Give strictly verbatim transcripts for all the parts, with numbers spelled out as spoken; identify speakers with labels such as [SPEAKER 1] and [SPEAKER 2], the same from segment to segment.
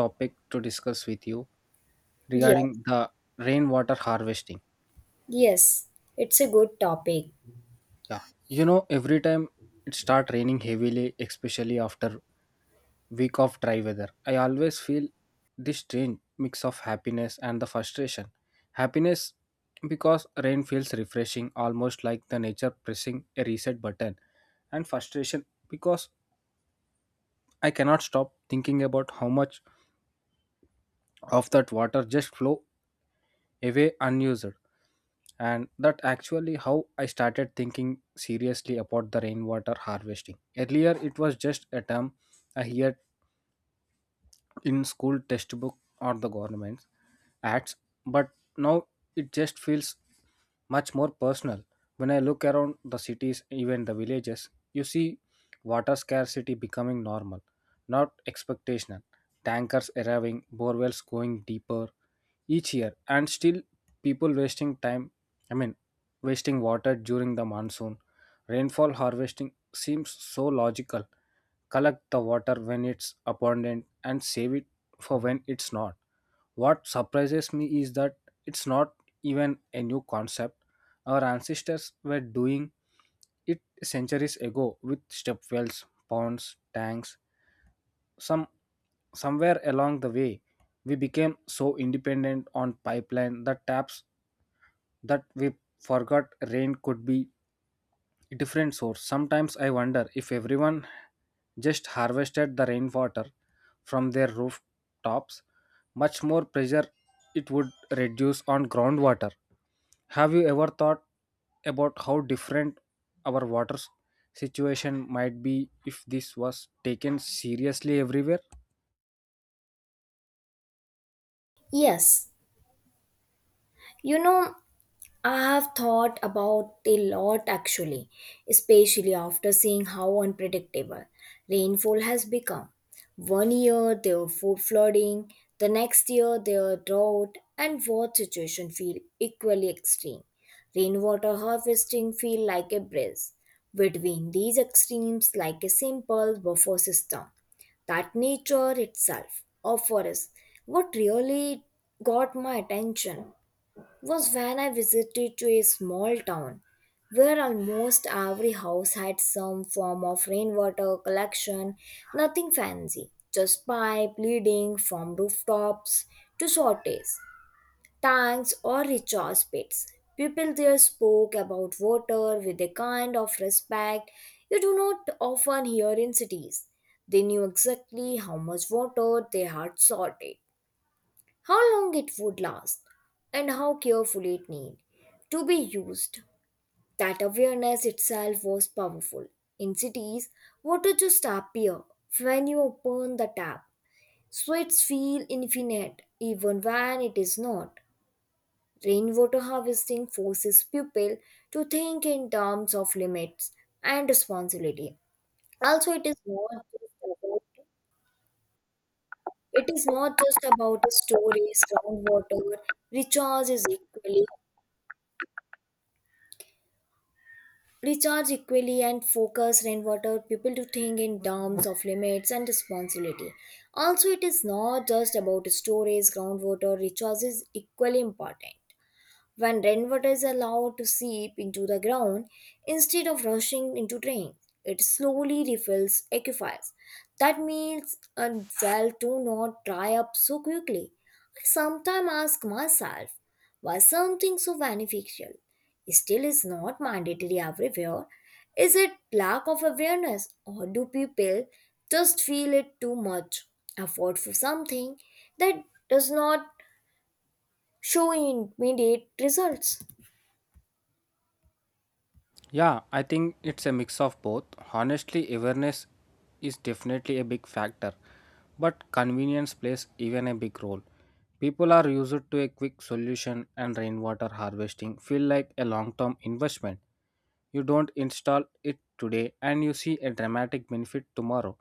[SPEAKER 1] Topic to discuss with you
[SPEAKER 2] Yeah,
[SPEAKER 1] regarding the rainwater harvesting.
[SPEAKER 2] yes, it's a good topic.
[SPEAKER 1] Yeah, you know, every time it start raining heavily, especially after week of dry weather, I always feel this strange mix of happiness and the frustration. Happiness because rain feels refreshing, almost like the nature pressing a reset button, and frustration because I cannot stop thinking about how much of that water just flow away unused. And that actually how I started thinking seriously about the rainwater harvesting. Earlier it was just a term I heard in school textbook or the government ads, but now it just feels much more personal. When I look around the cities, even the villages, you see water scarcity becoming normal, not expectational. Tankers arriving, borewells going deeper each year, and still people wasting time, i mean wasting water during the monsoon. Rainfall harvesting seems so logical. Collect the water when it's abundant and save it for when it's not. What surprises me is that it's not even a new concept. Our ancestors were doing it centuries ago with step wells, ponds, tanks. Some somewhere along the way we became so independent on pipeline that taps, that we forgot rain could be a different source. Sometimes I wonder, if everyone just harvested the rainwater from their rooftops, much more pressure it would reduce on groundwater. Have you ever thought about how different our water situation might be if this was taken seriously everywhere?
[SPEAKER 2] Yes, you know, I have thought about a lot actually, especially after seeing how unpredictable rainfall has become. One year there are full flooding, the next year there are drought, and both situations feel equally extreme. Rainwater harvesting feel like a breeze between these extremes, like a simple buffer system that nature itself offers. What really got my attention was when I visited to a small town where almost every house had some form of rainwater collection, nothing fancy, just pipe leading from rooftops to shortages, tanks or recharge pits. People there spoke about water with a kind of respect you do not often hear in cities. They knew exactly how much water they had sorted, how long it would last, and how carefully it need to be used. That awareness itself was powerful. In cities, water just appear when you open the tap. Sweats feel infinite even when it is not. Rainwater harvesting forces people to think in terms of limits and responsibility. Also, it is not just about it is not just about storage, groundwater, recharge is equally recharge equally and focus rainwater. People to think in terms of limits and responsibility. Also, it is not just about storage, groundwater recharge is equally important when rainwater is allowed to seep into the ground instead of rushing into drains. It slowly refills aquifers. That means a well do not dry up so quickly. I sometimes ask myself why something so beneficial still is not mandatory everywhere. Is it lack of awareness or do people just feel it too much effort for something that does not show immediate results?
[SPEAKER 1] Yeah, I think it's a mix of both. Honestly, awareness is definitely a big factor, but convenience plays even a big role. People are used to a quick solution, and rainwater harvesting feel like a long-term investment. You don't install it today and you see a dramatic benefit tomorrow.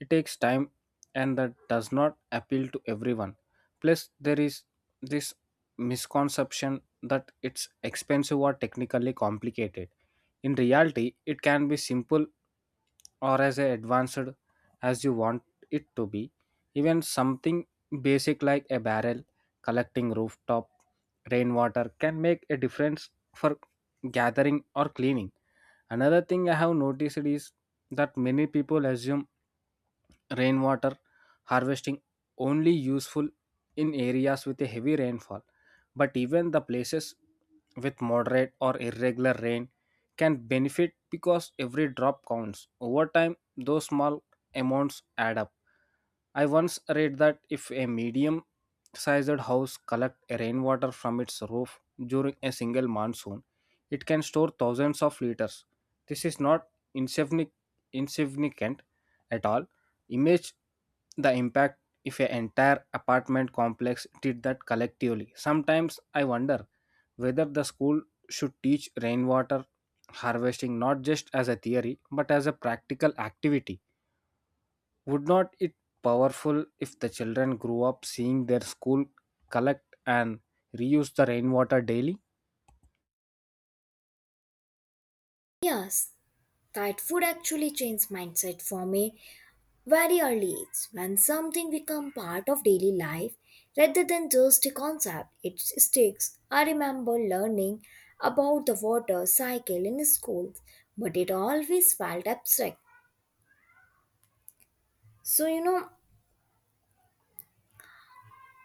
[SPEAKER 1] It takes time, and that does not appeal to everyone. Plus, there is this misconception that it's expensive or technically complicated. In reality, it can be simple or as advanced as you want it to be. Even something basic like a barrel collecting rooftop rainwater can make a difference for gathering or cleaning. Another thing I have noticed is that many people assume rainwater harvesting only useful in areas with a heavy rainfall, but even the places with moderate or irregular rain can benefit, because every drop counts. Over time, those small amounts add up. I once read that if a medium sized house collects rainwater from its roof during a single monsoon, it can store thousands of liters. This is not insignific- insignificant at all. Image the impact if an entire apartment complex did that collectively. Sometimes I wonder whether the school should teach rainwater harvesting not just as a theory but as a practical activity. Would not it powerful if the children grew up seeing their school collect and reuse the rainwater daily?
[SPEAKER 2] Yes, that would actually change mindset from a very early age. When something becomes part of daily life rather than just a concept, it sticks. I remember learning about the water cycle in school, but it always felt abstract. So you know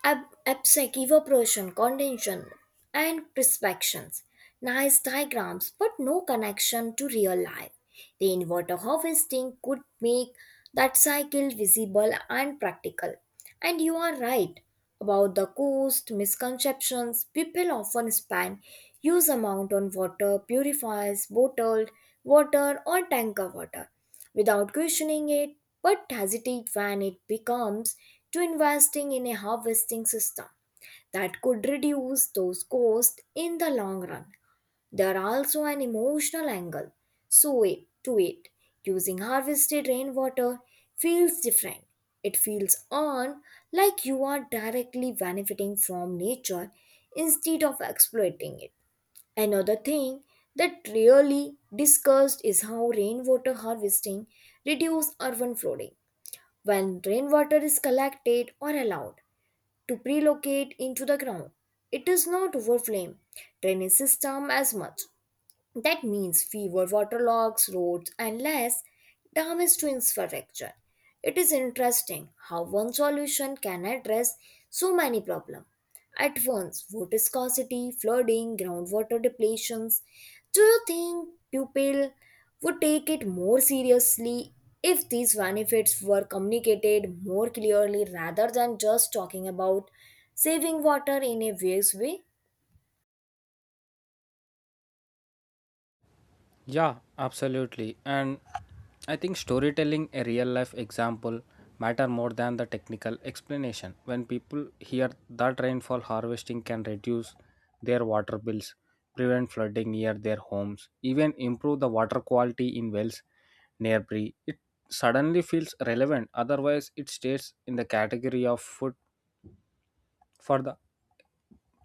[SPEAKER 2] ab- absec evaporation, condensation, and perspections. Nice diagrams, but no connection to real life. Rainwater harvesting could make that cycle visible and practical. And you are right about the cost misconceptions. People often spend huge amount on water purifiers, bottled water, or tanker water without questioning it, but hesitate when it becomes to investing in a harvesting system that could reduce those costs in the long run. There are also an emotional angle. So it to it. Using harvested rainwater feels different. It feels on like you are directly benefiting from nature instead of exploiting it. Another thing that really discussed is how rainwater harvesting reduces urban flooding. When rainwater is collected or allowed to pre into the ground, it does not overflow drainage system as much. That means fewer waterlogs, roads, and less damage to infrastructure. It is interesting how one solution can address so many problems at once water scarcity, flooding, groundwater depletions. Do you think people would take it more seriously if these benefits were communicated more clearly rather than just talking about saving water in a vague way?
[SPEAKER 1] Yeah, absolutely. And I think storytelling a real life example matter more than the technical explanation. When people hear that rainfall harvesting can reduce their water bills, prevent flooding near their homes, even improve the water quality in wells nearby, it suddenly feels relevant. Otherwise, it stays in the category of food for the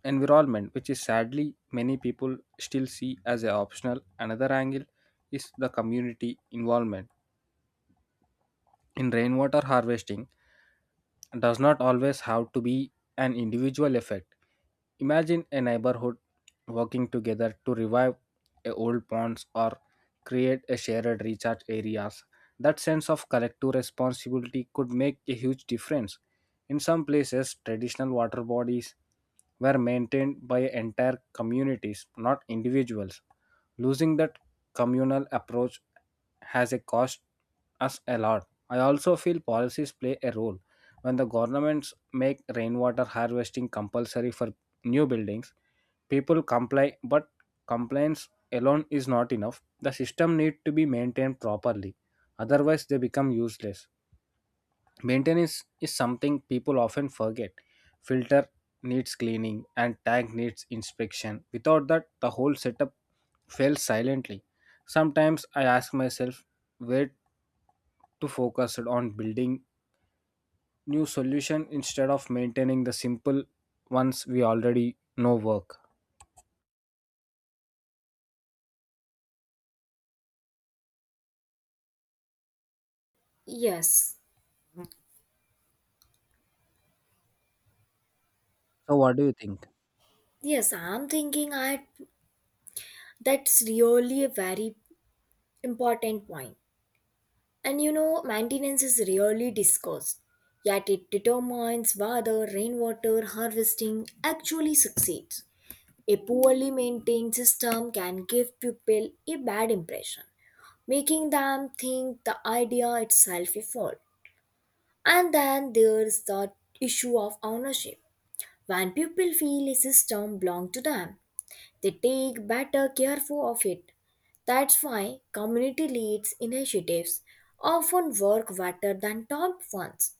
[SPEAKER 1] environment, which is sadly many people still see as a optional. Another angle is the community involvement in rainwater harvesting does not always have to be an individual effect. Imagine a neighborhood working together to revive a old ponds or create a shared recharge areas. That sense of collective responsibility could make a huge difference. In some places, traditional water bodies were maintained by entire communities, not individuals. Losing that communal approach has a cost us a lot. I also feel policies play a role. When the governments make rainwater harvesting compulsory for new buildings, people comply, but compliance alone is not enough. The system needs to be maintained properly, otherwise they become useless. Maintenance is something people often forget. Filter needs cleaning and tank needs inspection. Without that, the whole setup fails silently. Sometimes I ask myself where to focus on building new solution instead of maintaining the simple ones we already know work.
[SPEAKER 2] Yes.
[SPEAKER 1] So, what do you think?
[SPEAKER 2] Yes, I'm thinking I that's really a very important point. And you know, maintenance is really discussed, yet it determines whether rainwater harvesting actually succeeds. A poorly maintained system can give people a bad impression, making them think the idea itself is fault. And then there's the issue of ownership. When people feel a system belongs to them, they take better care for of it. That's why community leads initiatives often work better than top ones.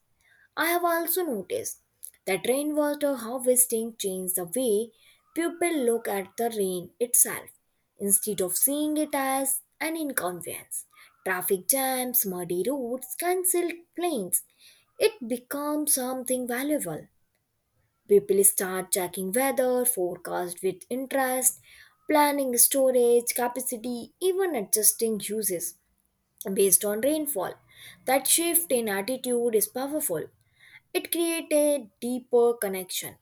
[SPEAKER 2] I have also noticed that rainwater harvesting changed the way people look at the rain itself. Instead of seeing it as an inconvenience, traffic jams, muddy roads, cancelled planes, it becomes something valuable. People start checking weather, forecast with interest, planning storage capacity, even adjusting uses based on rainfall. That shift in attitude is powerful. It creates a deeper connection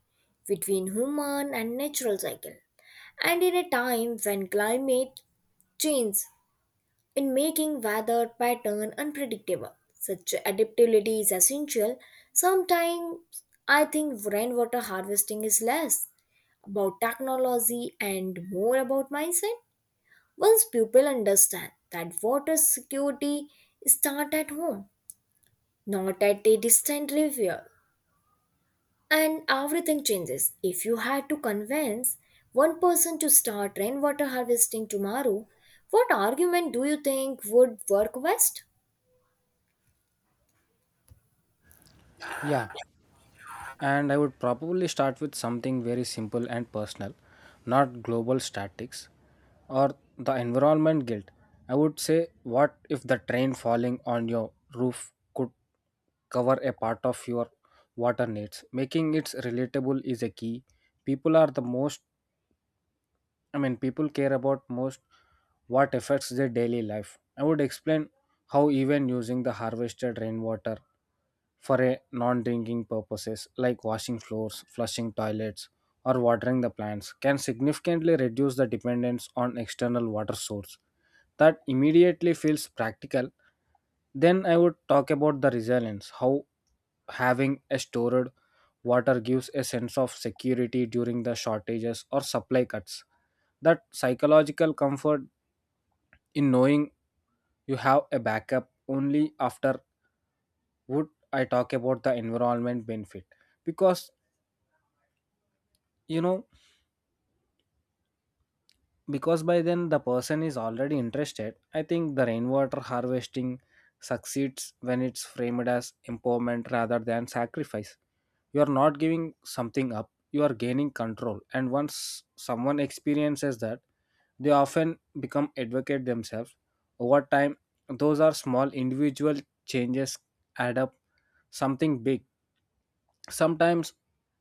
[SPEAKER 2] between human and natural cycle. And in a time when climate change in making weather pattern unpredictable. Such adaptability is essential. Sometimes I think rainwater harvesting is less about technology and more about mindset once people understand that water security starts at home, not at a distant river. And everything changes. If you had to convince one person to start rainwater harvesting tomorrow, what argument do you think would work best?
[SPEAKER 1] Yeah, and I would probably start with something very simple and personal, not global statics or the environment guilt. I would say, what if the train falling on your roof could cover a part of your water needs? Making it relatable is a key. People are the most I mean, people care about most what affects their daily life. I would explain how even using the harvested rainwater for a non-drinking purposes like washing floors, flushing toilets, or watering the plants can significantly reduce the dependence on external water source. That immediately feels practical. Then I would talk about the resilience, how having a stored water gives a sense of security during the shortages or supply cuts, that psychological comfort in knowing you have a backup. Only after would I talk about the environment benefit, because you know, because by then the person is already interested. I think the rainwater harvesting succeeds when it's framed as empowerment rather than sacrifice. You are not giving something up, you are gaining control, and once someone experiences that, they often become advocates themselves. Over time, those are small individual changes add up something big. Sometimes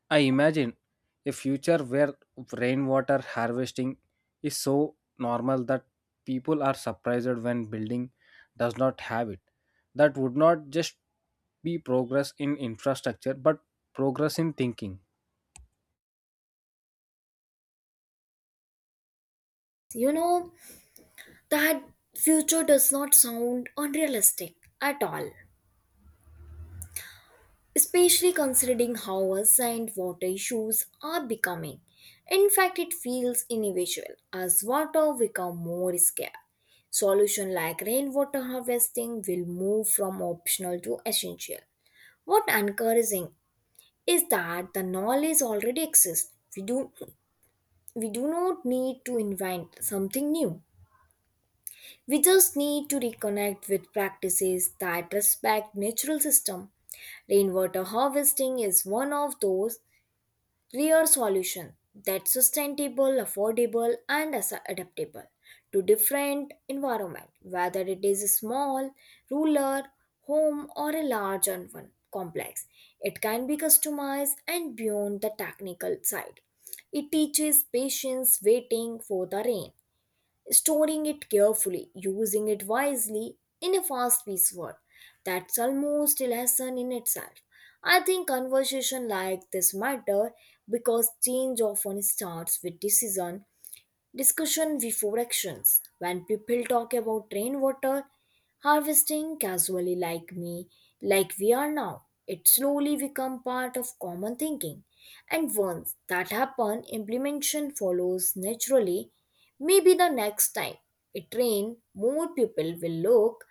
[SPEAKER 1] I imagine a future where rainwater harvesting is so normal that people are surprised when building does not have it. That would not just be progress in infrastructure but progress in thinking.
[SPEAKER 2] You know, that future does not sound unrealistic at all, especially considering how urgent water issues are becoming. In fact, it feels inevitable as water becomes more scarce. Solution like rainwater harvesting will move from optional to essential. What encouraging is that the knowledge already exists. We do we do not need to invent something new. We just need to reconnect with practices that respect natural system. Rainwater harvesting is one of those real solution that's sustainable, affordable, and as- adaptable to different environment, whether it is a small, rural, home, or a large and one complex. It can be customized and beyond the technical side. It teaches patience waiting for the rain storing it carefully, using it wisely in a fast paced world. That's almost a lesson in itself. I think conversation like this matter because change often starts with decision discussion before actions. When people talk about rainwater harvesting casually like me, like we are now, it slowly become part of common thinking. And once that happen, implementation follows naturally. Maybe the next time it rain, more people will look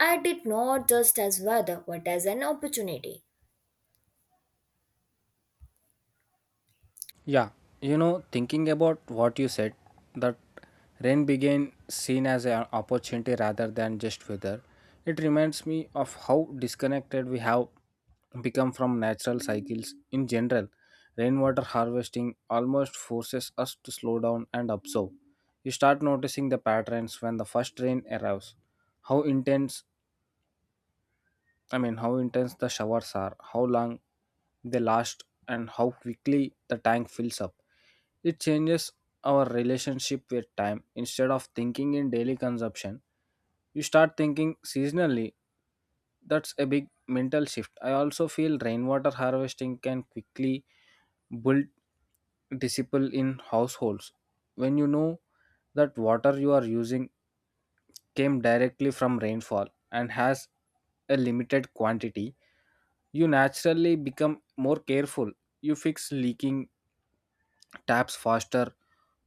[SPEAKER 2] at it not just as weather but as an opportunity.
[SPEAKER 1] Yeah, you know, thinking about what you said, that rain began seen as an opportunity rather than just weather, it reminds me of how disconnected we have become from natural cycles in general. Rainwater harvesting almost forces us to slow down and observe. You start noticing the patterns when the first rain arrives, how intense I mean, how intense the showers are, how long they last, and how quickly the tank fills up. It changes our relationship with time. Instead of thinking in daily consumption, you start thinking seasonally. That's a big mental shift. I also feel rainwater harvesting can quickly build discipline in households. When you know that water you are using came directly from rainfall and has a limited quantity, you naturally become more careful. You fix leaking taps faster,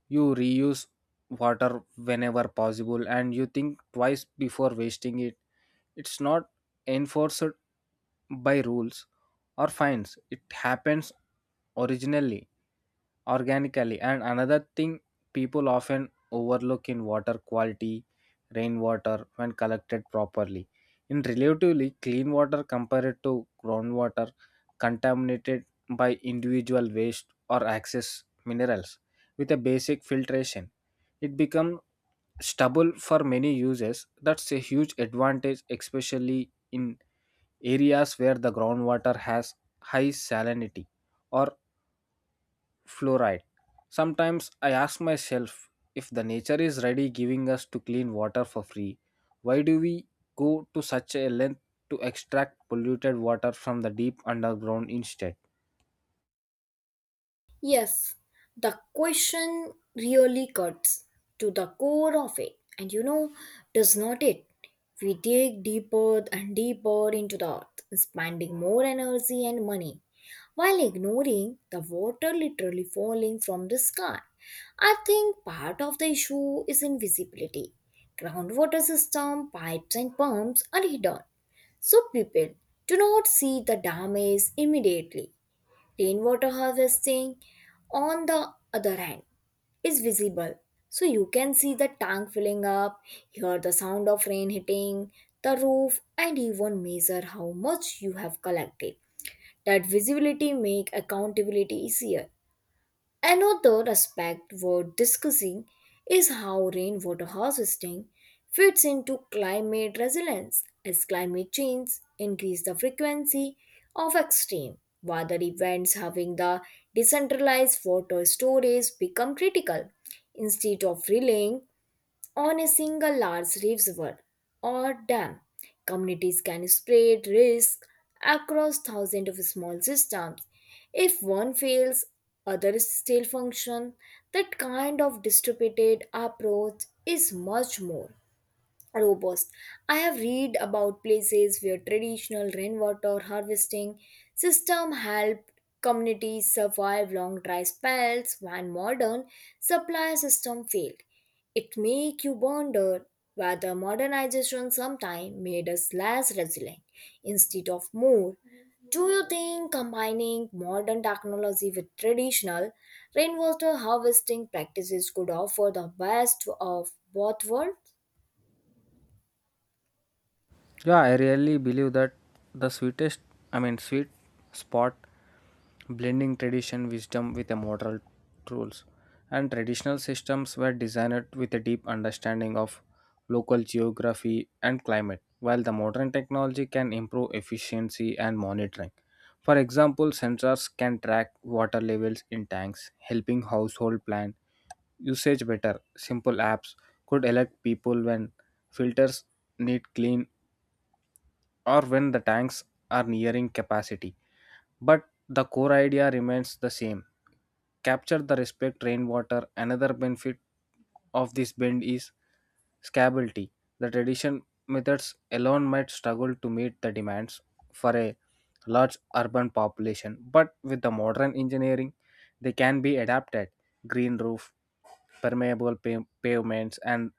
[SPEAKER 1] you reuse water whenever possible, and you think twice before wasting it. It's not enforced by rules or fines, it happens originally organically. And another thing people often overlook in water quality, rainwater, when collected properly, in relatively clean water compared to groundwater contaminated by individual waste or excess minerals with a basic filtration. It becomes stubble for many uses. That's a huge advantage, especially in areas where the groundwater has high salinity or fluoride. Sometimes I ask myself, if the nature is ready giving us to clean water for free, why do we go to such a length to extract polluted water from the deep underground instead?
[SPEAKER 2] Yes, the question really cuts to the core of it. And you know, does not it? We dig deeper and deeper into the earth, spending more energy and money while ignoring the water literally falling from the sky. I think part of the issue is invisibility. Groundwater system, pipes, and pumps are hidden, so people do not see the damage immediately. Rainwater harvesting, on the other hand, is visible. So you can see the tank filling up, hear the sound of rain hitting the roof, and even measure how much you have collected. That visibility make accountability easier. Another aspect worth discussing is how rainwater harvesting fits into climate resilience as climate change increase the frequency of extreme weather events having the decentralized water storage become critical instead of relying on a single large river or dam. Communities can spread risk across thousands of small systems. If one fails, others still function. That kind of distributed approach is much more robust. I have read about places where traditional rainwater harvesting system helped communities survive long dry spells when modern supply system failed. It make you wonder whether modernization sometime made us less resilient instead of more. Do you think combining modern technology with traditional rainwater harvesting practices could offer the best of both worlds?
[SPEAKER 1] Yeah, I really believe that the sweetest, I mean, sweet spot blending tradition wisdom with a moral rules. And traditional systems were designed with a deep understanding of local geography and climate, while the modern technology can improve efficiency and monitoring. For example, sensors can track water levels in tanks, helping household plan usage better. Simple apps could alert people when filters need clean or when the tanks are nearing capacity. But the core idea remains the same: capture the respect rainwater. Another benefit of this bend is scalability. The traditional methods alone might struggle to meet the demands for a large urban population, but with the modern engineering, they can be adapted. Green roof, permeable pa- pavements, and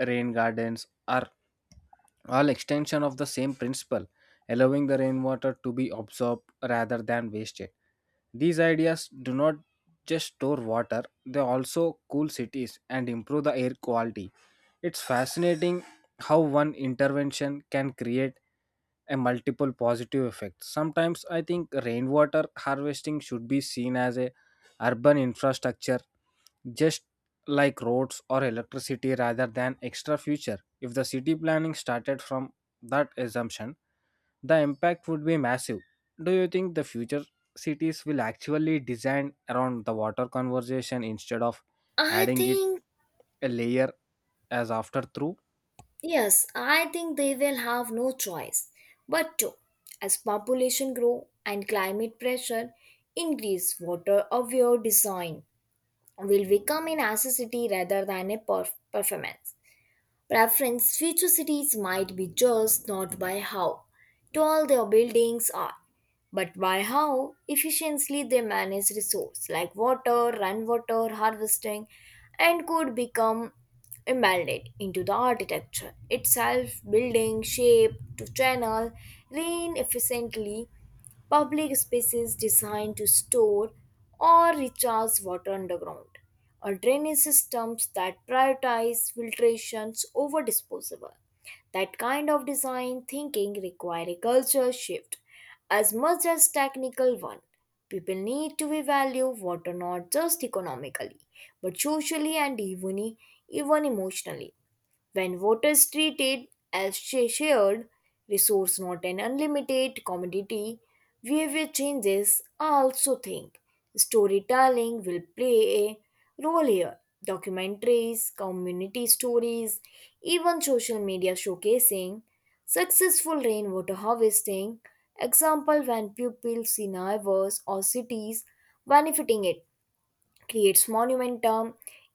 [SPEAKER 1] rain gardens are all extension of the same principle, allowing the rainwater to be absorbed rather than wasted. These ideas do not just store water, they also cool cities and improve the air quality. It's fascinating how one intervention can create a multiple positive effects. Sometimes I think rainwater harvesting should be seen as a urban infrastructure, just like roads or electricity rather than extra future. If the city planning started from that assumption, the impact would be massive. Do you think the future cities will actually design around the water conservation instead of
[SPEAKER 2] I
[SPEAKER 1] adding it
[SPEAKER 2] think,
[SPEAKER 1] a layer as after through?
[SPEAKER 2] yes, I think they will have no choice but to. As population grow and climate pressure increase, water of your design will become a necessity rather than a perf- performance. Preference future cities might be judged not by how tall their buildings are, but by how efficiently they manage resources like water, rainwater harvesting, and could become embedded into the architecture itself, building shape to channel rain efficiently public spaces designed to store or recharge water underground, or drainage systems that prioritize filtrations over disposal. That kind of design thinking requires a culture shift as much as technical one. People need to value water not just economically, but socially and even, even emotionally when water is treated as sh- shared resource not an unlimited commodity behavior changes. I also think storytelling will play a role here documentaries community stories even social media showcasing successful rainwater harvesting example when people see neighbors or cities benefiting it creates monumentum.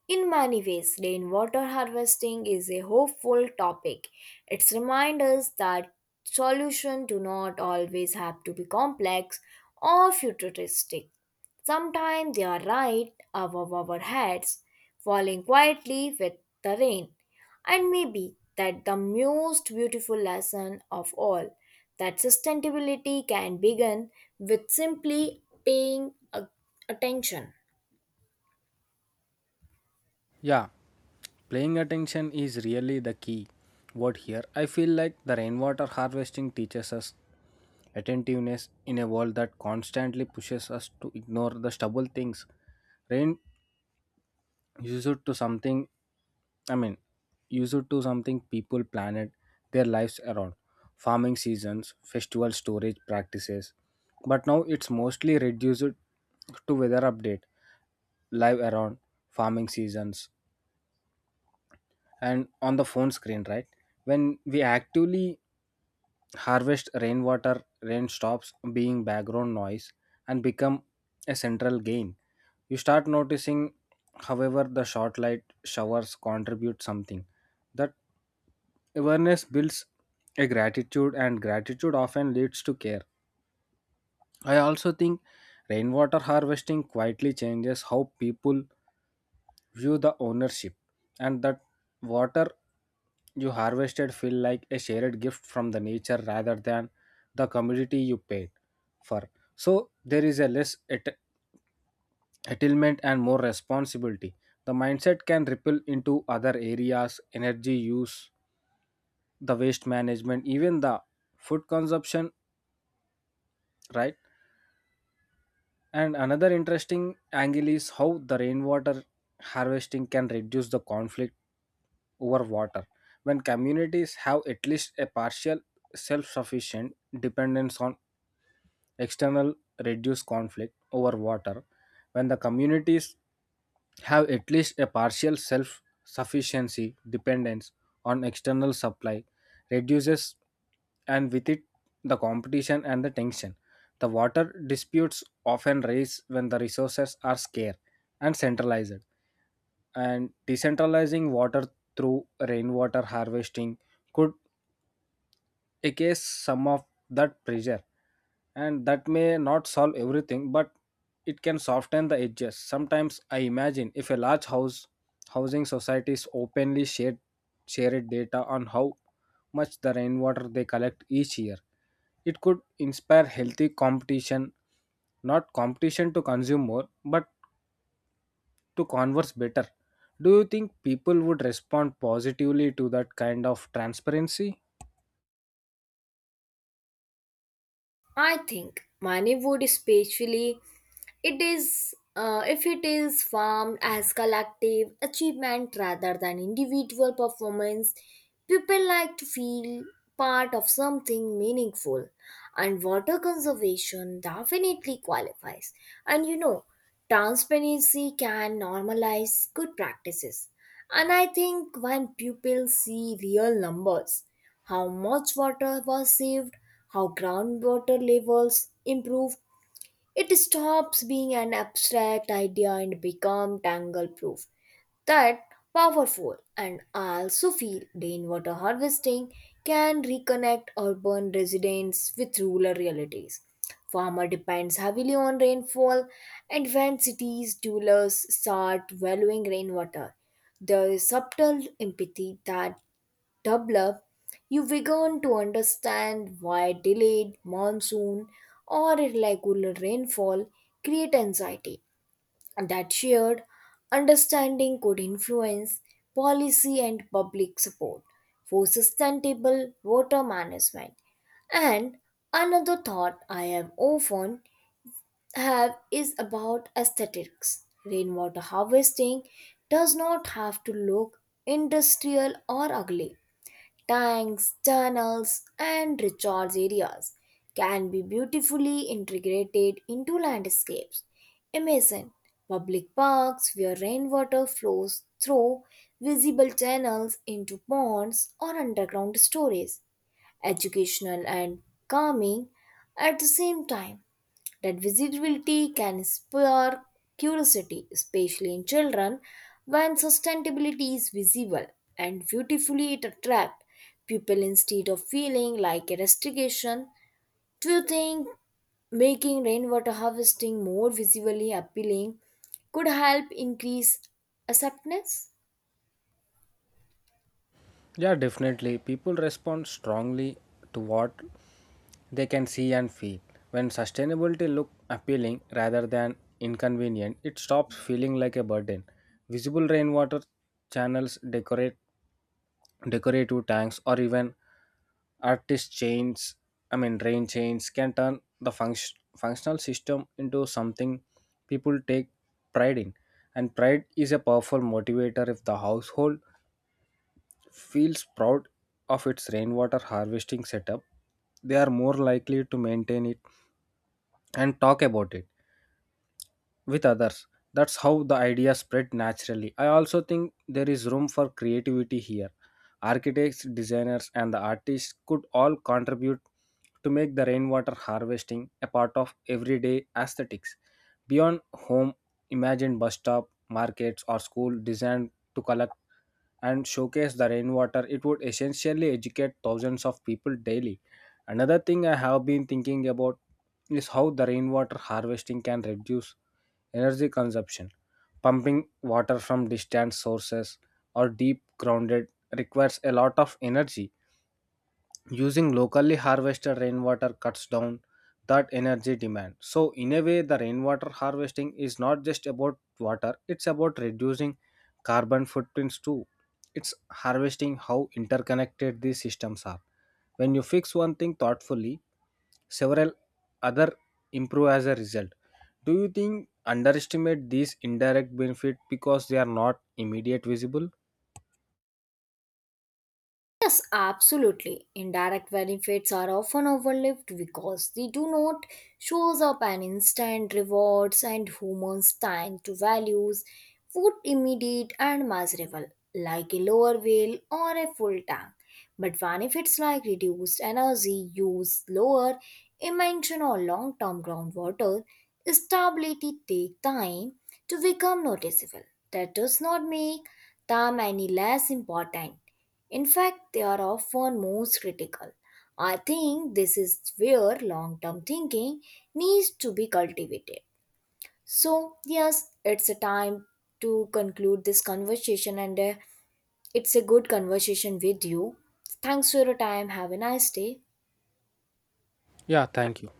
[SPEAKER 2] In many ways, rainwater harvesting is a hopeful topic. It reminds us that solutions do not always have to be complex or futuristic. Sometimes they are right above our heads, falling quietly with the rain. And maybe that the most beautiful lesson of all that sustainability can begin with simply paying a- attention.
[SPEAKER 1] Yeah, paying attention is really the key word here. I feel like the rainwater harvesting teaches us attentiveness in a world that constantly pushes us to ignore the stubble things. Rain used to something, I mean, used to something people, planet, their lives around. Farming seasons, festival storage practices. But now it's mostly reduced to weather update, live around farming seasons, and on the phone screen. Right when we actively harvest rainwater, rain stops being background noise and become a central gain. You start noticing however the short light showers contribute something. That awareness builds a gratitude, and gratitude often leads to care. I also think rainwater harvesting quietly changes how people view the ownership, and that water you harvested feel like a shared gift from the nature rather than the commodity you paid for. So there is a less at- attainment and more responsibility. The mindset can ripple into other areas: energy use, the waste management, even the food consumption, right? And another interesting angle is how the rainwater harvesting can reduce the conflict over water. When communities have at least a partial self sufficient dependence on external reduced conflict over water, when the communities have at least a partial self sufficiency dependence on external supply, reduces, and with it the competition and the tension. The water disputes often raise when the resources are scarce and centralized, and decentralizing water through rainwater harvesting could ease some of that pressure, and that may not solve everything but it can soften the edges. Sometimes I imagine if a large house housing societies openly shared shared data on how much the rainwater they collect each year, it could inspire healthy competition, not competition to consume more but to converse better. Do you think people would respond positively to that kind of transparency?
[SPEAKER 2] I think money would especially it is, uh, if it is formed as collective achievement rather than individual performance, people like to feel part of something meaningful, and water conservation definitely qualifies. And you know, transparency can normalize good practices. And I think when people see real numbers, how much water was saved, how groundwater levels improved, it stops being an abstract idea and become tangle proof. That powerful and I also feel rainwater harvesting can reconnect urban residents with rural realities. Farmer depends heavily on rainfall and when cities dwellers start valuing rainwater, there is subtle empathy that develop, you begin to understand why delayed monsoon or irregular rainfall create anxiety. That shared understanding could influence policy and public support for sustainable water management. And another thought I have often have is about aesthetics. Rainwater harvesting does not have to look industrial or ugly tanks, tunnels, and recharge areas can be beautifully integrated into landscapes. Imagine public parks where rainwater flows through visible channels into ponds or underground storage, educational and calming at the same time. That visibility can spur curiosity, especially in children, when sustainability is visible and beautifully it attracts people instead of feeling like a restriction. Do you think making rainwater harvesting more visibly appealing could help increase acceptance?
[SPEAKER 1] Yeah, definitely. People respond strongly to what they can see and feel. When sustainability look appealing rather than inconvenient, it stops feeling like a burden. Visible rainwater channels, decorate decorative tanks, or even artist chains I mean rain chains can turn the function, functional system into something people take pride in, and pride is a powerful motivator. If the household feels proud of its rainwater harvesting setup, they are more likely to maintain it and talk about it with others. That's how the idea spread naturally. I also think there is room for creativity here. Architects, designers, and the artists could all contribute to make the rainwater harvesting a part of everyday aesthetics. Beyond home, imagine bus stop, markets, or school designed to collect and showcase the rainwater, it would essentially educate thousands of people daily. Another thing I have been thinking about is how the rainwater harvesting can reduce energy consumption. Pumping water from distant sources or deep grounded requires a lot of energy. Using locally harvested rainwater cuts down that energy demand. So, in a way, the rainwater harvesting is not just about water, it's about reducing carbon footprints too. It's harvesting how interconnected these systems are. When you fix one thing thoughtfully, several other improve as a result. Do you think underestimate these indirect benefit because they are not immediate visible?
[SPEAKER 2] Yes, absolutely. Indirect benefits are often overlooked because they do not shows up an instant rewards and humans tend to values food immediate and measurable, like a lower whale or a full tank. But benefits like reduced energy use, lower emission or long-term groundwater stability take time to become noticeable. That does not make them any less important. In fact, they are often most critical. I think this is where long term thinking needs to be cultivated. So, yes, it's a time to conclude this conversation, and uh, it's a good conversation with you. Thanks for your time. Have a nice day.
[SPEAKER 1] Yeah, thank you.